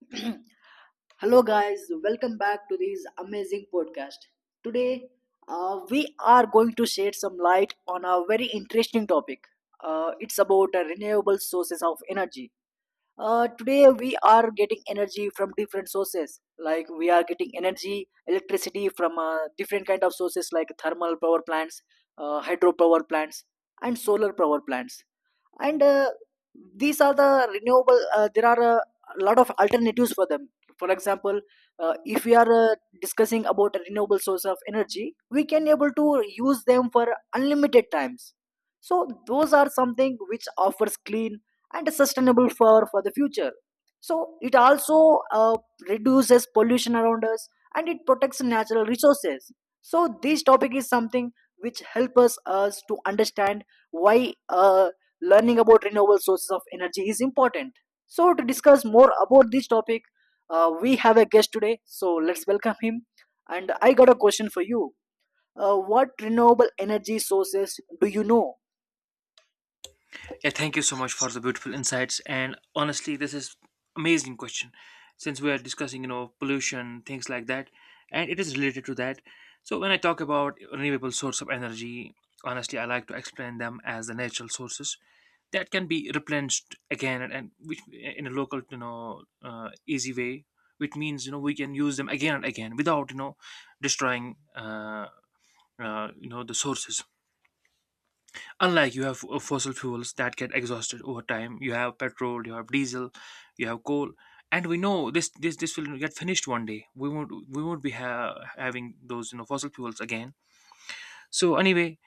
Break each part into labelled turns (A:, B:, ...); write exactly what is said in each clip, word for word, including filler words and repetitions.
A: Hello, guys, welcome back to this amazing podcast. Today, uh, we are going to shed some light on a very interesting topic. Uh, it's about uh, renewable sources of energy. Uh, today, we are getting energy from different sources, like we are getting energy, electricity from uh, different kind of sources like thermal power plants, uh, hydro power plants, and solar power plants and uh, these are the renewable uh, there are a lot of alternatives for them, for example, uh, if we are uh, discussing about a renewable source of energy, we can able to use them for unlimited times. So those are something which offers clean and sustainable for for the future. So it also uh, reduces pollution around us and it protects natural resources. So this topic is something which help us us to understand why uh, learning about renewable sources of energy is important. So, to discuss more about this topic, uh, we have a guest today. So, let's welcome him. And I got a question for you. Uh, what renewable energy sources do you know?
B: Yeah, thank you so much for the beautiful insights. And honestly, this is amazing question since we are discussing, you know, pollution, things like that, and it is related to that. So when I talk about renewable source of energy, honestly, I like to explain them as the natural sources that can be replenished again and, and which in a local, you know, uh, easy way, which means you know we can use them again and again without you know destroying, uh, uh, you know, the sources, unlike you have uh, fossil fuels that get exhausted over time. You have petrol, you have diesel, you have coal, and we know this this this will get finished one day. We won't we won't be ha- having those you know fossil fuels again. So anyway,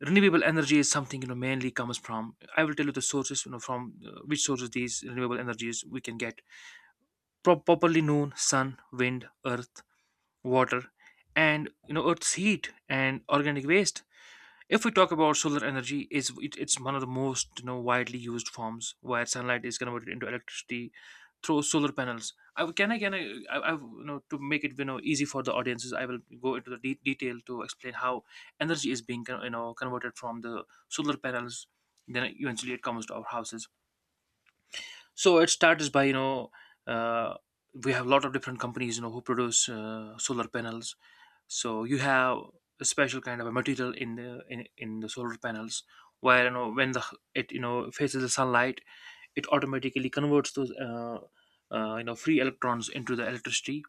B: renewable energy is something, you know mainly comes from, I will tell you the sources, you know from uh, which sources these renewable energies we can get. Pro- properly known: sun, wind, earth, water, and you know earth's heat and organic waste. If we talk about solar energy, is it, it's one of the most you know widely used forms where sunlight is converted into electricity through solar panels. I, w- can I can I, I, I you know to make it you know easy for the audiences, I will go into the de- detail to explain how energy is being con- you know converted from the solar panels. Then eventually it comes to our houses. So it starts by, you know uh, we have a lot of different companies you know who produce uh, solar panels. So you have a special kind of a material in the in, in the solar panels, where you know when the it you know faces the sunlight, it automatically converts those uh, uh, you know free electrons into the electricity.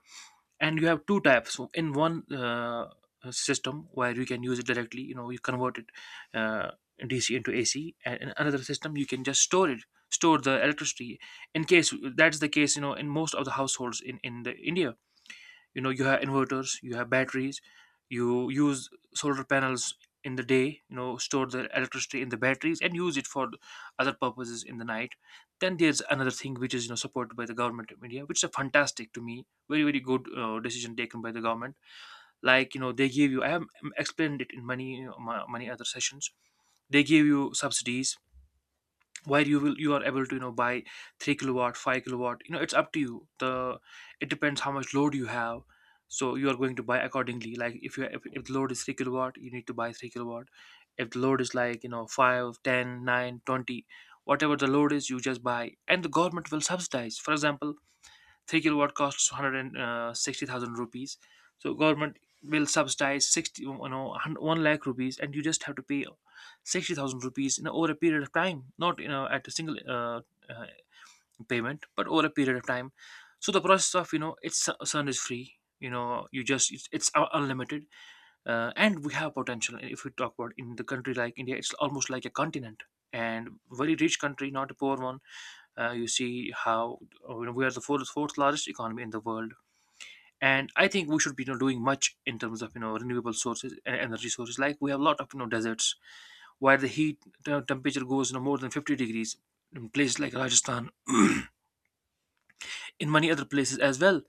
B: And you have two types. So in one uh, system, where you can use it directly, you know you convert it uh, dc into ac, and in another system you can just store it, store the electricity. In case that's the case, you know in most of the households in in the india, you know you have inverters, you have batteries, you use solar panels in the day, you know store the electricity in the batteries and use it for other purposes in the night. Then there's another thing which is you know supported by the government of india, which is a fantastic, to me very very good uh, decision taken by the government. Like, you know they give you, I have explained it in many, you know, my, many other sessions. They give you subsidies, where you will you are able to you know buy three kilowatt, five kilowatt, you know it's up to you. The It depends how much load you have, so you are going to buy accordingly. Like if you if, if the load is three kilowatt, you need to buy three kilowatt. If the load is like, you know five, ten, nine, twenty, whatever the load is, you just buy. And the government will subsidize. For example, three kilowatt costs one hundred sixty thousand rupees. So government will subsidize sixty, you know, 100 1 lakh rupees, and you just have to pay sixty thousand rupees in, over a period of time, not, you know, at a single uh, uh, payment, but over a period of time. So the process of, you know, it's, uh, sun is free, you know, you just, it's, it's unlimited, uh, and we have potential. If we talk about in the country like india, it's almost like a continent and very rich country, not a poor one. Uh, you see how uh, you know, we are the fourth, fourth largest economy in the world. And I think we should be, you know, doing much in terms of you know renewable sources and energy sources. Like we have a lot of you know deserts, where the heat, the temperature goes, you know, more than fifty degrees, in places like rajasthan in many other places as well.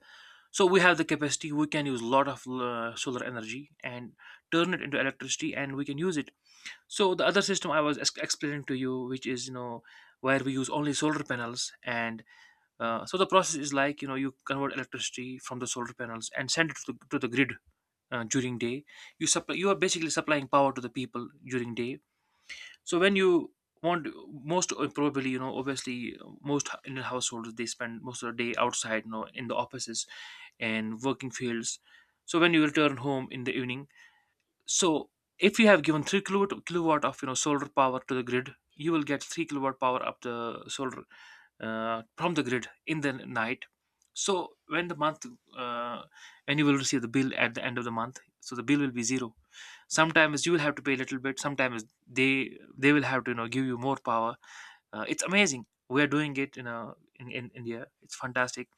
B: So we have the capacity, we can use a lot of uh, solar energy and turn it into electricity and we can use it. So the other system I was ex- explaining to you, which is, you know where we use only solar panels, and uh, so the process is like, you know you convert electricity from the solar panels and send it to the, to the grid uh, during day. You supply, you are basically supplying power to the people during day. So when you want, most uh, probably, you know obviously, most in households they spend most of the day outside, you know in the offices and working fields. So when you return home in the evening, so if you have given three kilowatt, kilowatt of, you know solar power to the grid, you will get three kilowatt power up the solar, uh, from the grid in the night. So when the month, uh, when you will receive the bill at the end of the month, so the bill will be zero. Sometimes you will have to pay a little bit. Sometimes they they will have to, you know give you more power. Uh, it's amazing. We are doing it, you know in, in India. It's fantastic.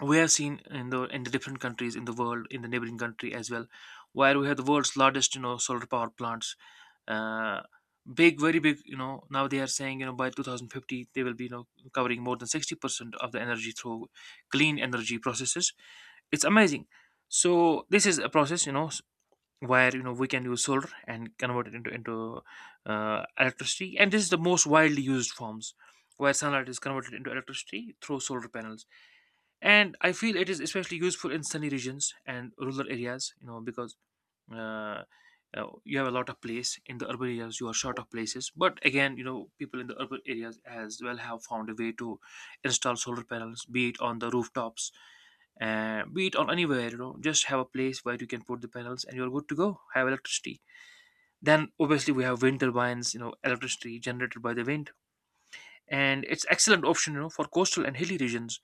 B: We have seen in the, in the different countries in the world, in the neighboring country as well, where we have the world's largest, you know solar power plants, uh big, very big, you know now they are saying, you know by two thousand fifty they will be, you know covering more than sixty percent of the energy through clean energy processes. It's amazing. So this is a process, you know s- where you know we can use solar and convert it into into uh, electricity, and this is the most widely used forms, where sunlight is converted into electricity through solar panels. And I feel it is especially useful in sunny regions and rural areas, you know because uh, uh, you have a lot of place in the urban areas, you are short of places. But again, you know people in the urban areas as well have found a way to install solar panels, be it on the rooftops, uh, be it on anywhere. You know just have a place where you can put the panels and you're good to go, have electricity. Then obviously we have wind turbines, you know electricity generated by the wind, and it's excellent option, you know for coastal and hilly regions,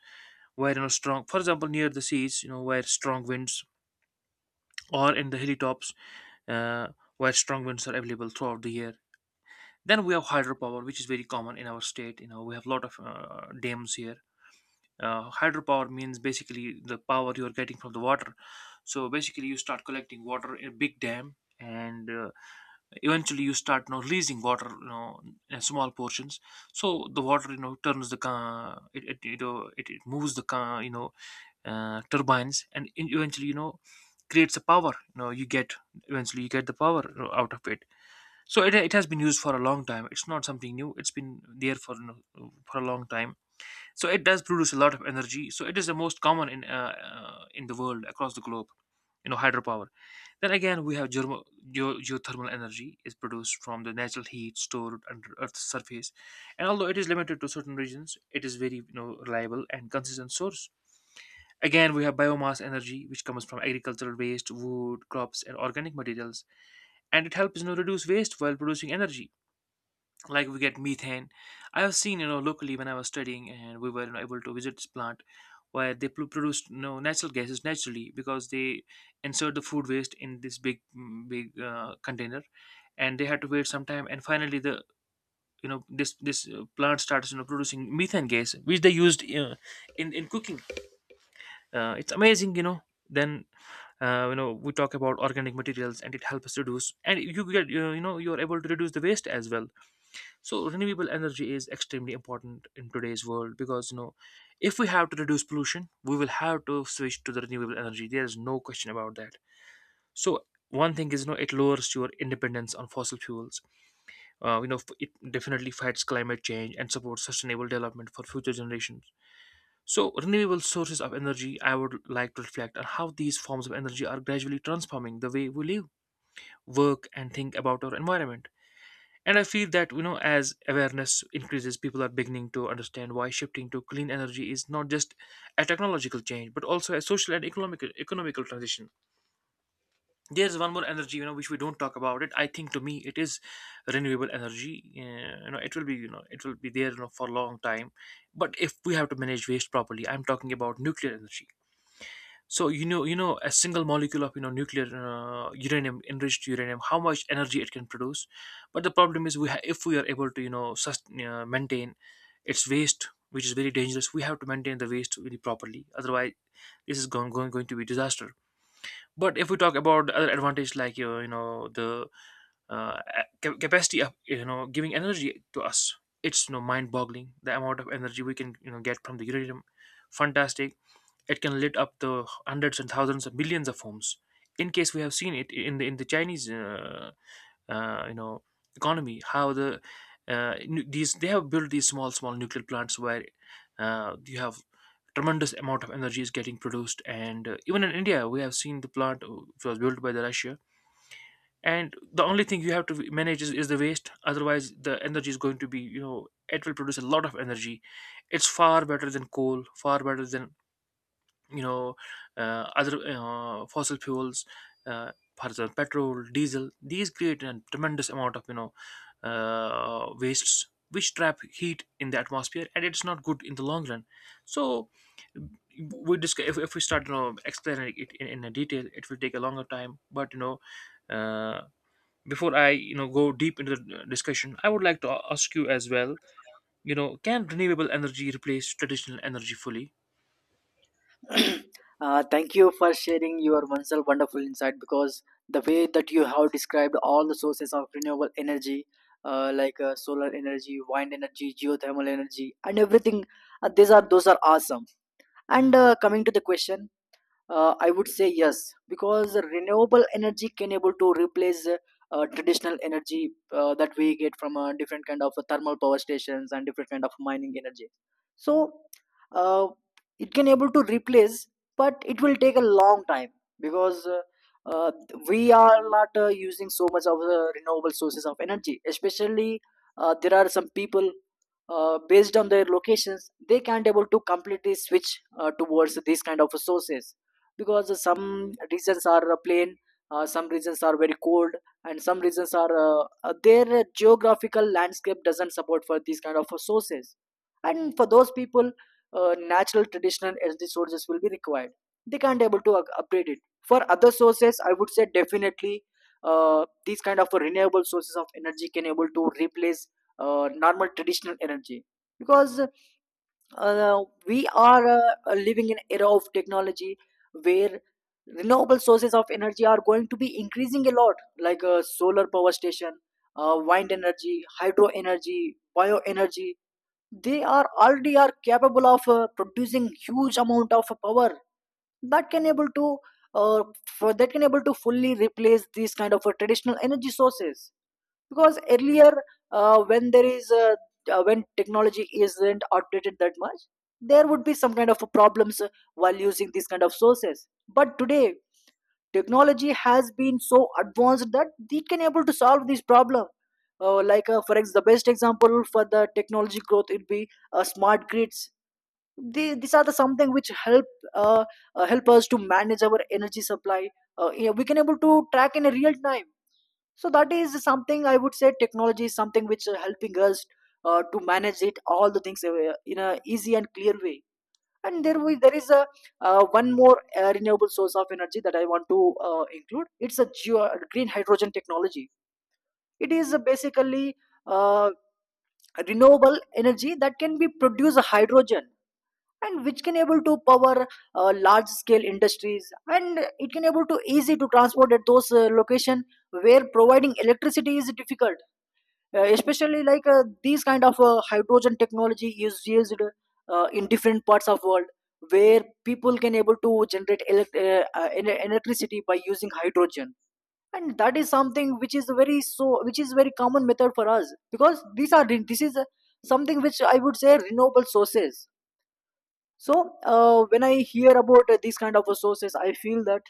B: where, you know strong, for example near the seas, you know where strong winds, or in the hilly tops, uh, where strong winds are available throughout the year. Then we have hydropower, which is very common in our state. You know we have a lot of uh, dams here. Uh, hydropower means basically the power you are getting from the water. So basically you start collecting water in a big dam, and uh, eventually you start, you know, releasing water, you know in small portions. So the water, you know turns the ca- it, it you know it, it moves the ca- you know uh, turbines, and in- eventually, you know creates a power, you know you get, eventually you get the power uh, out of it. So it, it has been used for a long time, it's not something new. It's been there for, you know, for a long time. So it does produce a lot of energy. So it is the most common in uh, uh, in the world across the globe, you know hydropower. Then again we have germo- geo- geothermal energy is produced from the natural heat stored under earth's surface, and although it is limited to certain regions, it is very, you know reliable and consistent source. Again, we have biomass energy, which comes from agricultural waste, wood, crops, and organic materials, and it helps, you know reduce waste while producing energy. Like we get methane. I have seen, you know locally when I was studying, and we were, you know, able to visit this plant where they pro- produce, you know, natural gases naturally, because they insert the food waste in this big, mm, big uh, container, and they had to wait some time, and finally the, you know this this uh, plant starts, you know producing methane gas, which they used uh, in in cooking. Uh, it's amazing, you know. Then uh, you know we talk about organic materials and it helps reduce and you get you know you know, you're able to reduce the waste as well. So renewable energy is extremely important in today's world, because you know if we have to reduce pollution, we will have to switch to the renewable energy. There is no question about that. So one thing is, you know it lowers your independence on fossil fuels. uh, you know it definitely fights climate change and supports sustainable development for future generations. So renewable sources of energy, I would like to reflect on how these forms of energy are gradually transforming the way we live, work, and think about our environment. And I feel that, you know, as awareness increases, people are beginning to understand why shifting to clean energy is not just a technological change, but also a social and economic economical transition. There's one more energy, you know, which we don't talk about it. I think to me it is renewable energy. Uh, you know, it will be, you know, it will be there, you know, for a long time. But if we have to manage waste properly, I'm talking about nuclear energy. So you know, you know, a single molecule of you know nuclear uh, uranium, enriched uranium, how much energy it can produce. But the problem is, we ha- if we are able to you know sust- uh, maintain its waste, which is very dangerous, we have to maintain the waste really properly. Otherwise, this is going going, going to be disaster. But if we talk about the other advantage, like you know, you know the uh, ca- capacity of you know giving energy to us, it's you know mind-boggling. The amount of energy we can you know get from the uranium, fantastic, it can light up the hundreds and thousands of millions of homes. In case, we have seen it in the in the Chinese, uh, uh, you know, economy, how the uh, nu- these, they have built these small small nuclear plants where uh, you have tremendous amount of energy is getting produced. And uh, even in India, we have seen the plant uh, which was built by the Russia. And the only thing you have to manage is, is the waste. Otherwise the energy is going to be, you know it will produce a lot of energy. It's far better than coal, far better than you know uh, other uh, fossil fuels. uh, for example, petrol, diesel, these create a tremendous amount of you know uh, wastes, which trap heat in the atmosphere, and it's not good in the long run. So we discuss, if, if we start you know explaining it in, in a detail, it will take a longer time. But you know uh, before I you know go deep into the discussion, I would like to ask you as well, you know can renewable energy replace traditional energy fully?
A: uh, thank you for sharing your oneself wonderful insight, because the way that you have described all the sources of renewable energy, uh, like uh, solar energy, wind energy, geothermal energy, and everything, uh, these are those are awesome. And uh, coming to the question, Uh, I would say yes, because renewable energy can able to replace uh, uh, traditional energy uh, that we get from uh, different kind of thermal power stations and different kind of mining energy. So uh, it can able to replace, but it will take a long time, because uh, uh, we are not uh, using so much of the renewable sources of energy. Especially uh, there are some people uh, based on their locations, they can't able to completely switch uh, towards these kind of sources because some regions are uh, plain, uh, some regions are very cold, and some regions are uh, uh, their geographical landscape doesn't support for these kind of uh, sources, and for those people uh, natural traditional energy sources will be required. They can't able to up- upgrade it for other sources. I would say definitely uh, these kind of renewable sources of energy can able to replace uh, normal traditional energy, because uh, we are uh, uh, living in era of technology where renewable sources of energy are going to be increasing a lot, like uh, solar power station, uh, wind energy, hydro energy, bioenergy. They are already are capable of uh, producing huge amount of power that can able to uh, for that can able to fully replace these kind of uh, traditional energy sources, because earlier uh, when there is uh, uh, when technology isn't updated that much, there would be some kind of problems uh, while using these kind of sources. But today technology has been so advanced that they can able to solve this problem. Uh, like uh, for ex- the best example for the technology growth would be uh, smart grids. They, these are the something which help uh, uh, help us to manage our energy supply. Uh, yeah, we can able to track in a real time. So that is something, I would say, technology is something which uh, helping us uh, to manage it all the things uh, in a easy and clear way. And there we, there is a uh, one more uh, renewable source of energy that I want to uh, include. It's a geo- green hydrogen technology. It is uh, basically uh, renewable energy that can be produced hydrogen and which can able to power uh, large scale industries, and it can able to easy to transport at those uh, location where providing electricity is difficult. Uh, especially like uh, These kind of uh, hydrogen technology is used uh, in different parts of world where people can able to generate elect- uh, uh, ener- electricity by using hydrogen. And that is something which is very so which is very common method for us, because these are re- this is uh, something which I would say renewable sources. So uh, when I hear about uh, these kind of uh, sources, I feel that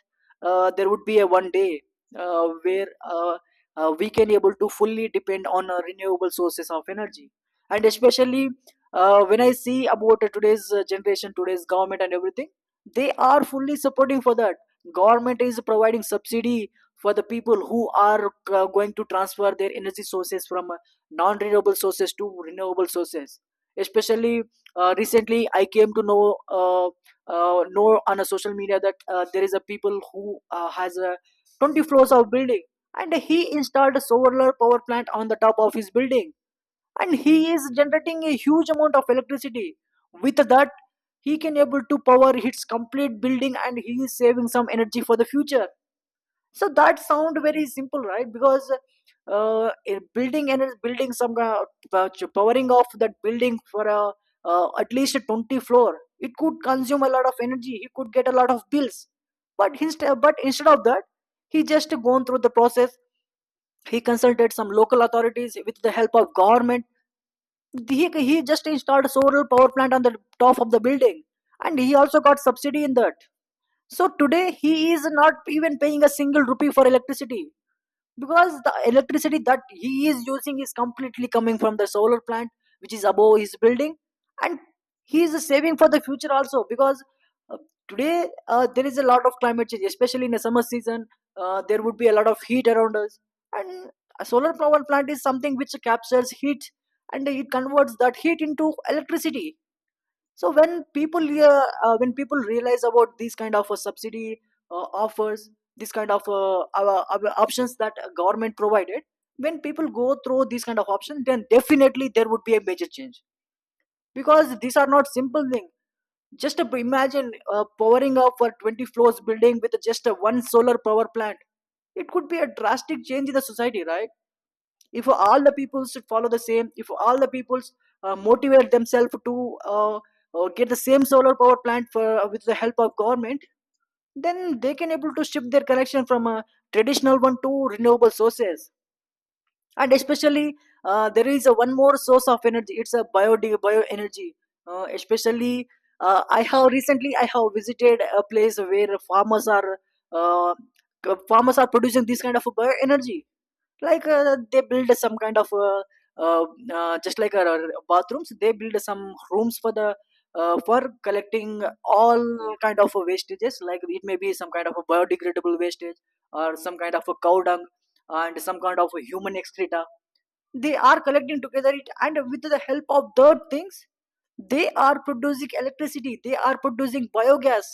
A: uh, there would be a one day uh, where uh, uh, we can able to fully depend on uh, renewable sources of energy. And especially uh, when I see about uh, today's uh, generation, today's government and everything, they are fully supporting for that. Government is providing subsidy for the people who are uh, going to transfer their energy sources from uh, non renewable sources to renewable sources. Especially uh, recently I came to know uh, uh, know on a social media that uh, there is a people who uh, has a twenty floors of building, and he installed a solar power plant on the top of his building, and he is generating a huge amount of electricity. With that, he can able to power his complete building, and he is saving some energy for the future. So that sound very simple, right? Because uh, a building, and it's building some kind of pow- powering off that building for a, uh, at least twenty floor, it could consume a lot of energy. He could get a lot of bills. But instead but instead of that, he just gone through the process. He consulted some local authorities with the help of government. He, he just installed a solar power plant on the top of the building, and he also got subsidy in that. So today he is not even paying a single rupee for electricity, because the electricity that he is using is completely coming from the solar plant, which is above his building. And he is saving for the future also, because uh, today uh, there is a lot of climate change, especially in the summer season. Uh, there would be a lot of heat around us. And a solar power plant is something which captures heat, and it converts that heat into electricity. So when people uh, uh, when people realize about these kind of uh, subsidy uh, offers, these kind of uh, uh, uh, options that uh, government provided, when people go through these kind of options, then definitely there would be a major change, because these are not simple thing. Just uh, imagine uh, powering up for twenty floors building with just uh, one solar power plant. It could be a drastic change in the society, right? If all the people should follow the same, if all the peoples uh, motivate themselves to uh, uh, get the same solar power plant for uh, with the help of government, then they can able to shift their connection from a traditional one to renewable sources. And especially uh, there is a one more source of energy. It's a bio bioenergy. Uh, especially uh, I have recently I have visited a place where farmers are uh, farmers are producing this kind of bioenergy. Like uh, they build some kind of uh, uh, uh, just like uh, bathrooms. They build some rooms for the uh, for collecting all kind of wastages, like it may be some kind of a biodegradable wastage or some kind of a cow dung and some kind of a human excreta. They are collecting together it, and with the help of third things, they are producing electricity, they are producing biogas.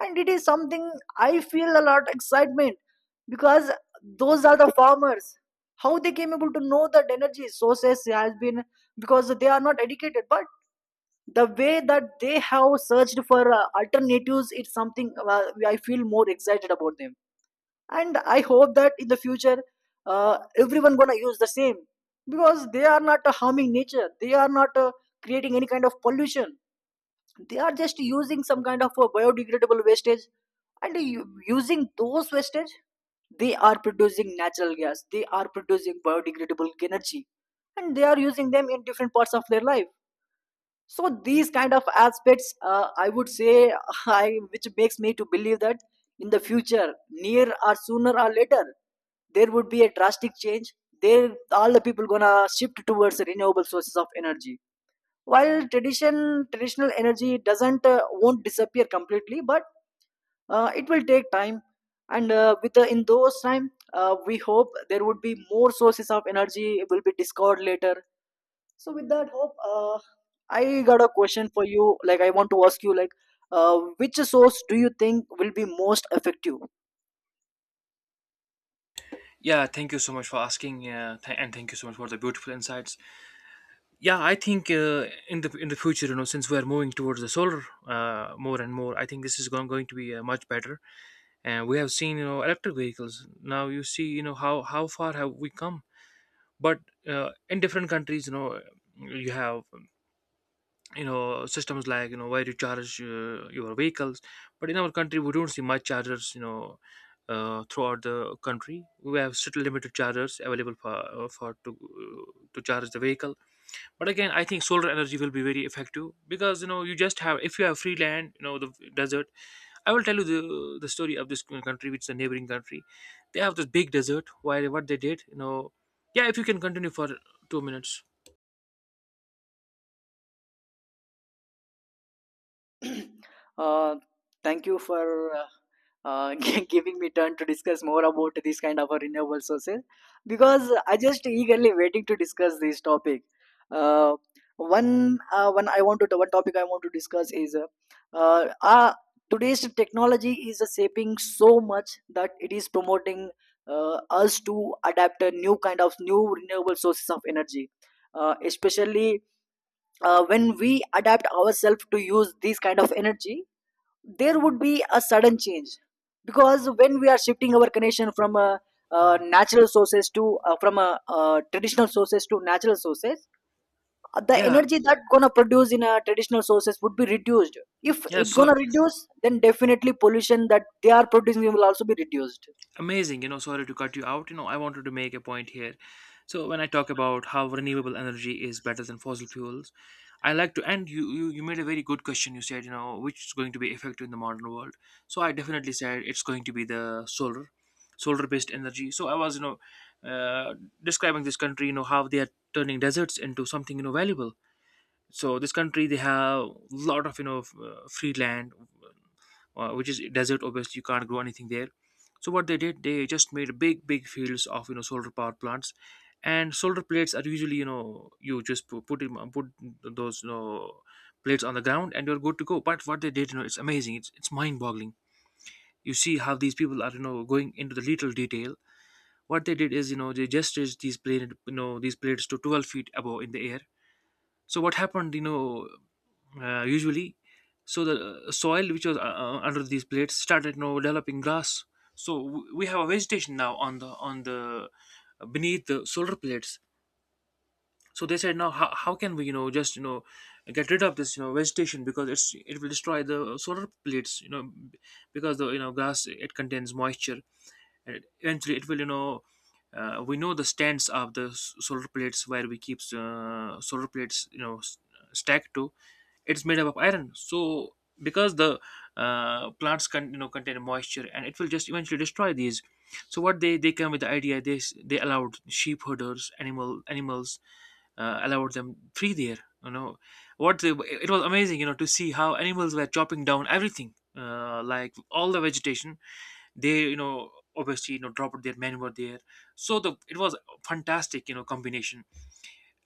A: And it is something, I feel a lot excitement, because those are the farmers. How they came able to know that energy sources has been, because they are not educated, but the way that they have searched for uh, alternatives, it's something uh, I feel more excited about them. And I hope that in the future uh, everyone gonna use the same, because they are not uh, harming nature, they are not uh, creating any kind of pollution. They are just using some kind of a biodegradable wastage, and u- using those wastage, they are producing natural gas, they are producing biodegradable energy, and they are using them in different parts of their life. So these kind of aspects, uh, I would say I, which makes me to believe that in the future, near or sooner or later, there would be a drastic change. There all the people gonna shift towards renewable sources of energy, while tradition traditional energy doesn't uh, won't disappear completely, but uh, it will take time. And uh, with the in those time, uh, we hope there would be more sources of energy. It will be discovered later. So with that hope, uh, I got a question for you, like I want to ask you like, uh, which source do you think will be most effective?
B: Yeah, thank you so much for asking, uh, th- and thank you so much for the beautiful insights. Yeah, I think uh, in the in the future, you know, since we are moving towards the solar uh, more and more, I think this is going going to be uh, much better. And we have seen, you know, electric vehicles. Now you see, you know, how how far have we come? But uh, in different countries, you know, you have you know systems like you know where you charge uh, your vehicles. But in our country, we don't see much chargers, you know uh, throughout the country we have still limited chargers available for uh, for to to charge the vehicle. But again, I think solar energy will be very effective, because you know you just have, if you have free land, you know the desert, I will tell you the the story of this country, which is a neighboring country. They have this big desert, where what they did, you know yeah, if you can continue for two minutes.
A: uh, thank you for uh, uh, gi- giving me turn to discuss more about this kind of a renewable sources, because I just eagerly waiting to discuss this topic. Uh, one uh, one I want to one topic I want to discuss is uh, uh, uh, today's technology is shaping so much that it is promoting uh, us to adapt a new kind of new renewable sources of energy, uh, especially uh, when we adapt ourselves to use this kind of energy there would be a sudden change because when we are shifting our connection from uh, uh,
B: Mhm.
A: natural sources to uh, from uh, uh, traditional sources to natural sources. Uh, the
B: yeah
A: energy that gonna produce in uh, traditional sources would be reduced. If
B: yeah
A: it
B: so
A: gonna reduce, then definitely pollution that they are producing will also be reduced.
B: amazing, you know sorry to cut you out, you know I wanted to make a point here. So when I talk about how renewable energy is better than fossil fuels, I like to, and you you, you made a very good question. You said, you know which is going to be effective in the modern world. So I definitely said it's going to be the solar, solar based energy. So I was, you know uh, describing this country, you know how they are turning deserts into something, you know valuable. So this country, they have a lot of you know f- uh, free land, uh, which is desert. Obviously, you can't grow anything there. So what they did, they just made big big fields of you know solar power plants. And solar plates are usually, you know you just pu- put in, put those you know, plates on the ground, and you're good to go. But what they did, you know it's amazing, it's, it's mind boggling. You see how these people are, you know going into the little detail. What they did is, you know they just raised these plate, you know these plates to twelve feet above in the air. So what happened, you know uh, usually, so the uh, soil which was uh, uh, under these plates started, you know developing grass. So w- we have a vegetation now on the on the uh, beneath the solar plates. So they said, now, how, how can we you know just you know get rid of this, you know vegetation? Because it's it will destroy the solar plates, you know b- because the you know grass, it contains moisture. And eventually it will, you know uh, we know the stands of the s- solar plates, where we keep uh, solar plates, you know s- stacked to, it's made up of iron. So, because the uh, plants can, you know contain moisture, and it will just eventually destroy these. So what they they came with the idea, they s- they allowed sheep herders, animal animals, uh, allowed them free there. you know what they, it was amazing, you know to see how animals were chopping down everything, uh, like all the vegetation. They, you know obviously, you know dropped their manure there. So the, it was a fantastic, you know combination.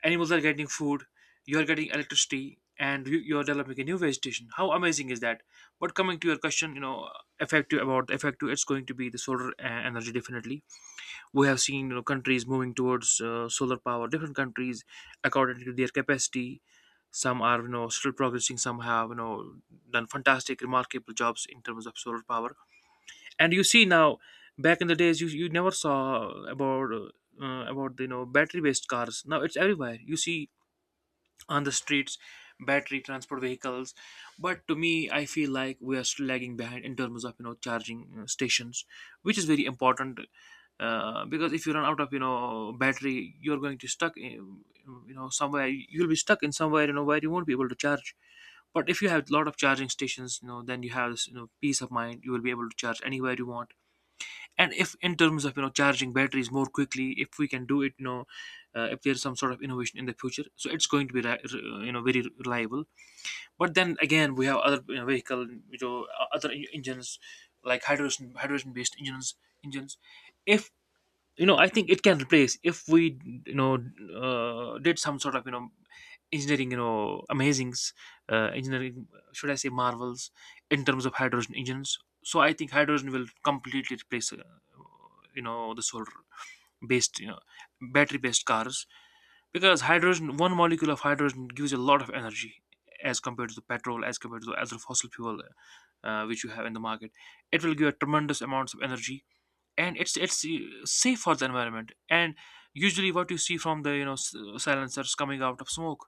B: Animals are getting food, you are getting electricity, and you, you are developing a new vegetation. How amazing is that? But coming to your question, you know, effective, about the effective, it's going to be the solar uh, energy definitely. We have seen, you know countries moving towards uh, solar power. Different countries, according to their capacity, some are, you know still progressing. Some have, you know done fantastic, remarkable jobs in terms of solar power. And you see now, back in the days, you you never saw about. Uh, uh, about the, you know battery based cars, now it's everywhere, you see on the streets, battery transport vehicles. But to me, I feel like we are still lagging behind in terms of you know charging uh, stations, which is very important. Uh, because if you run out of you know battery, you're going to stuck in, you know somewhere. You'll be stuck in somewhere, you know where you won't be able to charge. But if you have a lot of charging stations, you know then you have this, you know peace of mind. You will be able to charge anywhere you want. And if in terms of, you know charging batteries more quickly, if we can do it, you know uh, if there's some sort of innovation in the future, so it's going to be re- re- you know very reliable. But then again, we have other, you know, vehicle you know other en- engines, like hydrogen, hydrogen based engines, engines. If you know I think it can replace, if we, you know uh, did some sort of, you know engineering, you know amazings, uh, engineering, should I say, marvels in terms of hydrogen engines. So I think hydrogen will completely replace uh, you know the solar based, you know battery based cars. Because hydrogen, one molecule of hydrogen gives a lot of energy as compared to the petrol, as compared to the other fossil fuel uh, which you have in the market. It will give a tremendous amounts of energy. And it's it's uh, safe for the environment. And usually what you see from the, you know s- silencers coming out of smoke,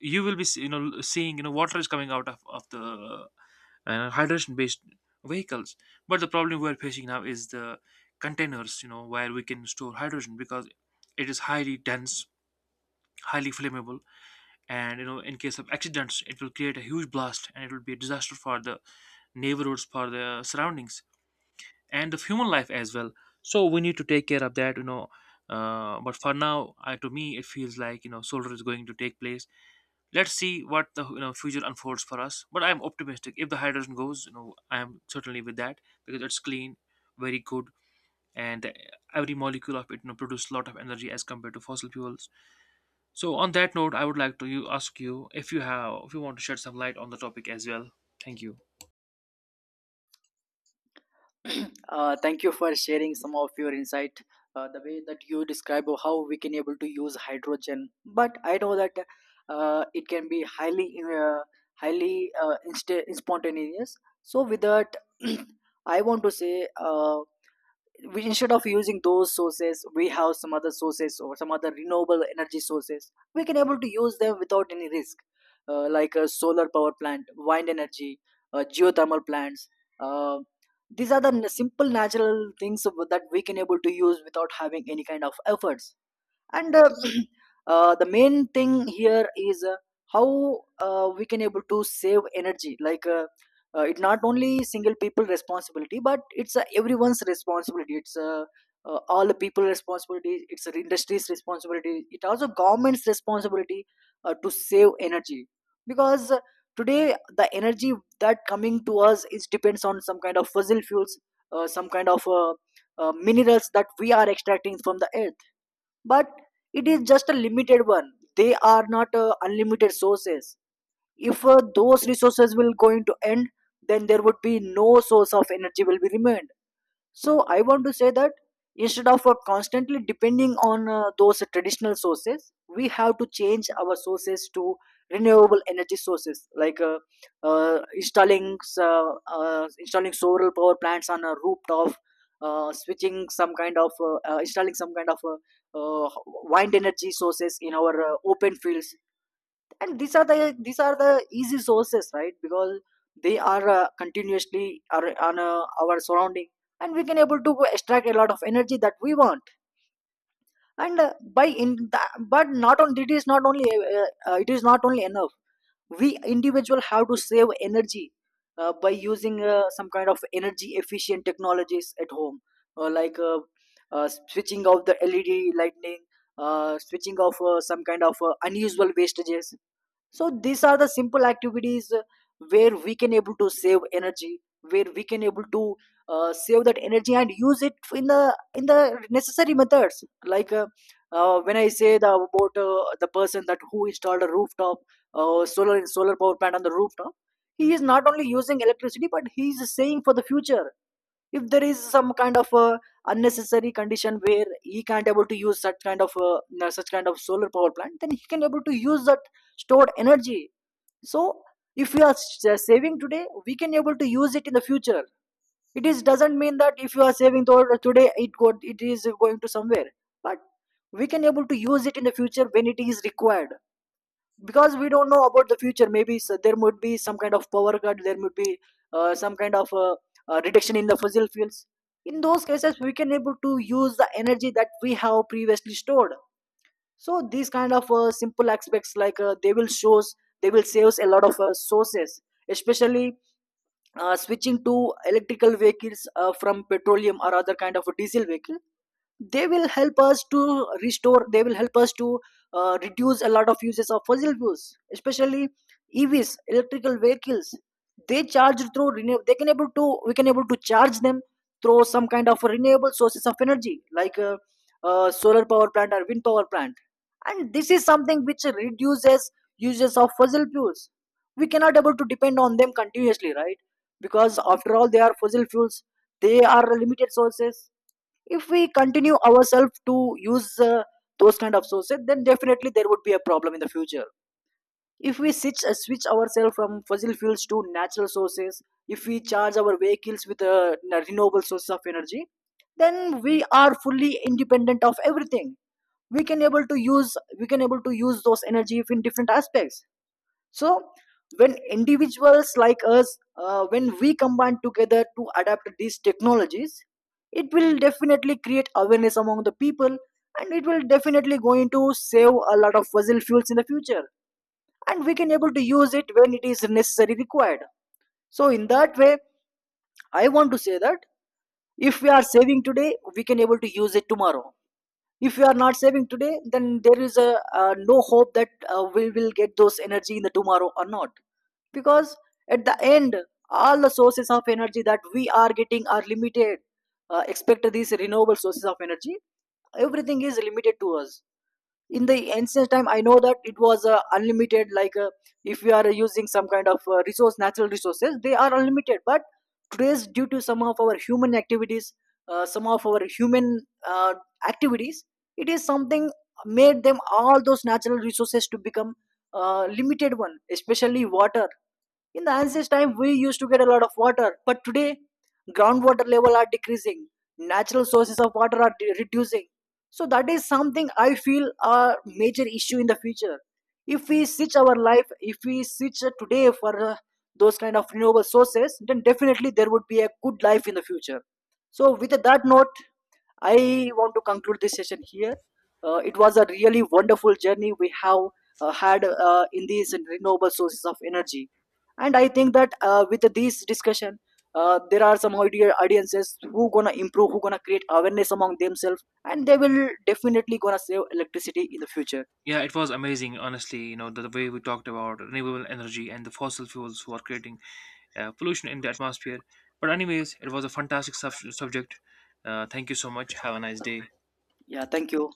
B: you will be see- you know seeing, you know water is coming out of, of the uh, hydrogen based vehicles. But the problem we are facing now is the containers, you know where we can store hydrogen, because it is highly dense, highly flammable. And you know in case of accidents, it will create a huge blast, and it will be a disaster for the neighborhoods, for the surroundings, and of human life as well. So we need to take care of that, you know uh, but for now, I, to me it feels like, you know solar is going to take place. Let's see what the, you know future unfolds for us. But I'm optimistic, if the hydrogen goes, you know I'm certainly with that, because it's clean, very good. And uh, every molecule of it, you know, produces a lot of energy as compared to fossil fuels. So on that note, I would like to you ask you if you have, if you want to shed some light on the topic as well. Thank you.
A: uh, Thank you for sharing some of your insight. Uh, the way that you describe how we can able to use hydrogen, but I know that uh, it can be highly uh, highly uh, insta- spontaneous. So with that, I want to say, uh, we, instead of using those sources, we have some other sources or some other renewable energy sources we can able to use them without any risk. Uh, like a solar power plant, wind energy, uh, geothermal plants. Uh, these are the n- simple natural things of- that we can able to use without having any kind of efforts. And uh, uh, the main thing here is, uh, how uh, we can able to save energy. Like, uh, uh, it not only single people responsibility, but it's uh, everyone's responsibility. It's uh, uh, all the people responsibility. It's uh, industry's responsibility. It also government's responsibility uh, to save energy. Because uh, today the energy that coming to us is depends on some kind of fossil fuels, uh, some kind of uh, uh, minerals that we are extracting from the earth. But it is just a limited one. They are not uh, unlimited sources. If uh, those resources will going to end, then there would be no source of energy will be remain. So I want to say that instead of uh, constantly depending on uh, those traditional sources, we have to change our sources to renewable energy sources. Like uh, uh, installing uh, uh, installing solar power plants on a rooftop, uh, switching some kind of uh, uh, installing some kind of uh, uh, wind energy sources in our uh, open fields. And these are the these are the easy sources, right? Because they are uh, continuously are on uh, our surrounding, and we can able to extract a lot of energy that we want. And uh, by in that, but not on, it is not only uh, uh, it is not only enough. We individual have to save energy uh, by using uh, some kind of energy efficient technologies at home. Uh, like uh, uh, switching off the led lighting, uh, switching off uh, some kind of uh, unusual wastages. So these are the simple activities uh, where we can able to save energy, where we can able to uh, save that energy and use it in the in the necessary methods. Like uh, uh, when I say the about uh, the person that who installed a rooftop uh, solar solar power plant on the rooftop, he is not only using electricity, but he is saying for the future. If there is some kind of uh, unnecessary condition where he can't able to use such kind of uh, such kind of solar power plant, then he can able to use that stored energy. So if you are s- uh, saving today, we can able to use it in the future. It is doesn't mean that if you are saving tho- today it go, it is going to somewhere. But we can able to use it in the future when it is required. Because we don't know about the future. Maybe s there would be some kind of power cut. There would be uh, some kind of uh, uh, reduction in the fossil fuels. In those cases, we can able to use the energy that we have previously stored. So these kind of uh, simple aspects, like uh, they will shows they will save a lot of uh, sources. Especially uh, switching to electrical vehicles uh, from petroleum or other kind of a diesel vehicle, they will help us to restore, they will help us to uh, reduce a lot of uses of fossil fuels. Especially E Vs, electrical vehicles, they charge through renew, they can able to, we can able to charge them through some kind of renewable sources of energy. Like uh, uh, solar power plant or wind power plant. And this is something which reduces uses of fossil fuels. We cannot able to depend on them continuously, right? Because after all, they are fossil fuels. They are limited sources. If we continue ourselves to use uh, those kind of sources, then definitely there would be a problem in the future. If we switch, uh, switch ourselves from fossil fuels to natural sources, if we charge our vehicles with a renewable source of energy, then we are fully independent of everything. We can able to use, we can able to use those energy in different aspects. So when individuals like us, uh, when we combine together to adapt these technologies, it will definitely create awareness among the people, and it will definitely going to save a lot of fossil fuels in the future. And we can able to use it when it is necessary required. So in that way, I want to say that if we are saving today, we can able to use it tomorrow. If you are not saving today, then there is a uh, no hope that uh, we will get those energy in the tomorrow or not. Because at the end, all the sources of energy that we are getting are limited. Uh, except these renewable sources of energy, everything is limited to us. In the ancient time, I know that it was uh, unlimited. Like uh, if you are using some kind of uh, resource, natural resources, they are unlimited. But today's, due to some of our human activities, uh, some of our human uh, activities, it is something made them all those natural resources to become uh, limited one. Especially water. In the ancient time, we used to get a lot of water, but today, groundwater level are decreasing. Natural sources of water are de- reducing. So that is something I feel a major issue in the future. If we switch our life, if we switch uh, today for uh, those kind of renewable sources, then definitely there would be a good life in the future. So with that note, I want to conclude this session here. Uh, it was a really wonderful journey we have uh, had uh, in these renewable sources of energy. And I think that uh, with this discussion, uh, there are some idea audiences who gonna improve, who gonna create awareness among themselves, and they will definitely gonna save electricity in the future.
B: Yeah, it was amazing, honestly. You know, the, the way we talked about renewable energy and the fossil fuels who are creating uh, pollution in the atmosphere. But anyways, it was a fantastic sub- subject. Uh, thank you so much. Have a nice day.
A: Yeah, thank you.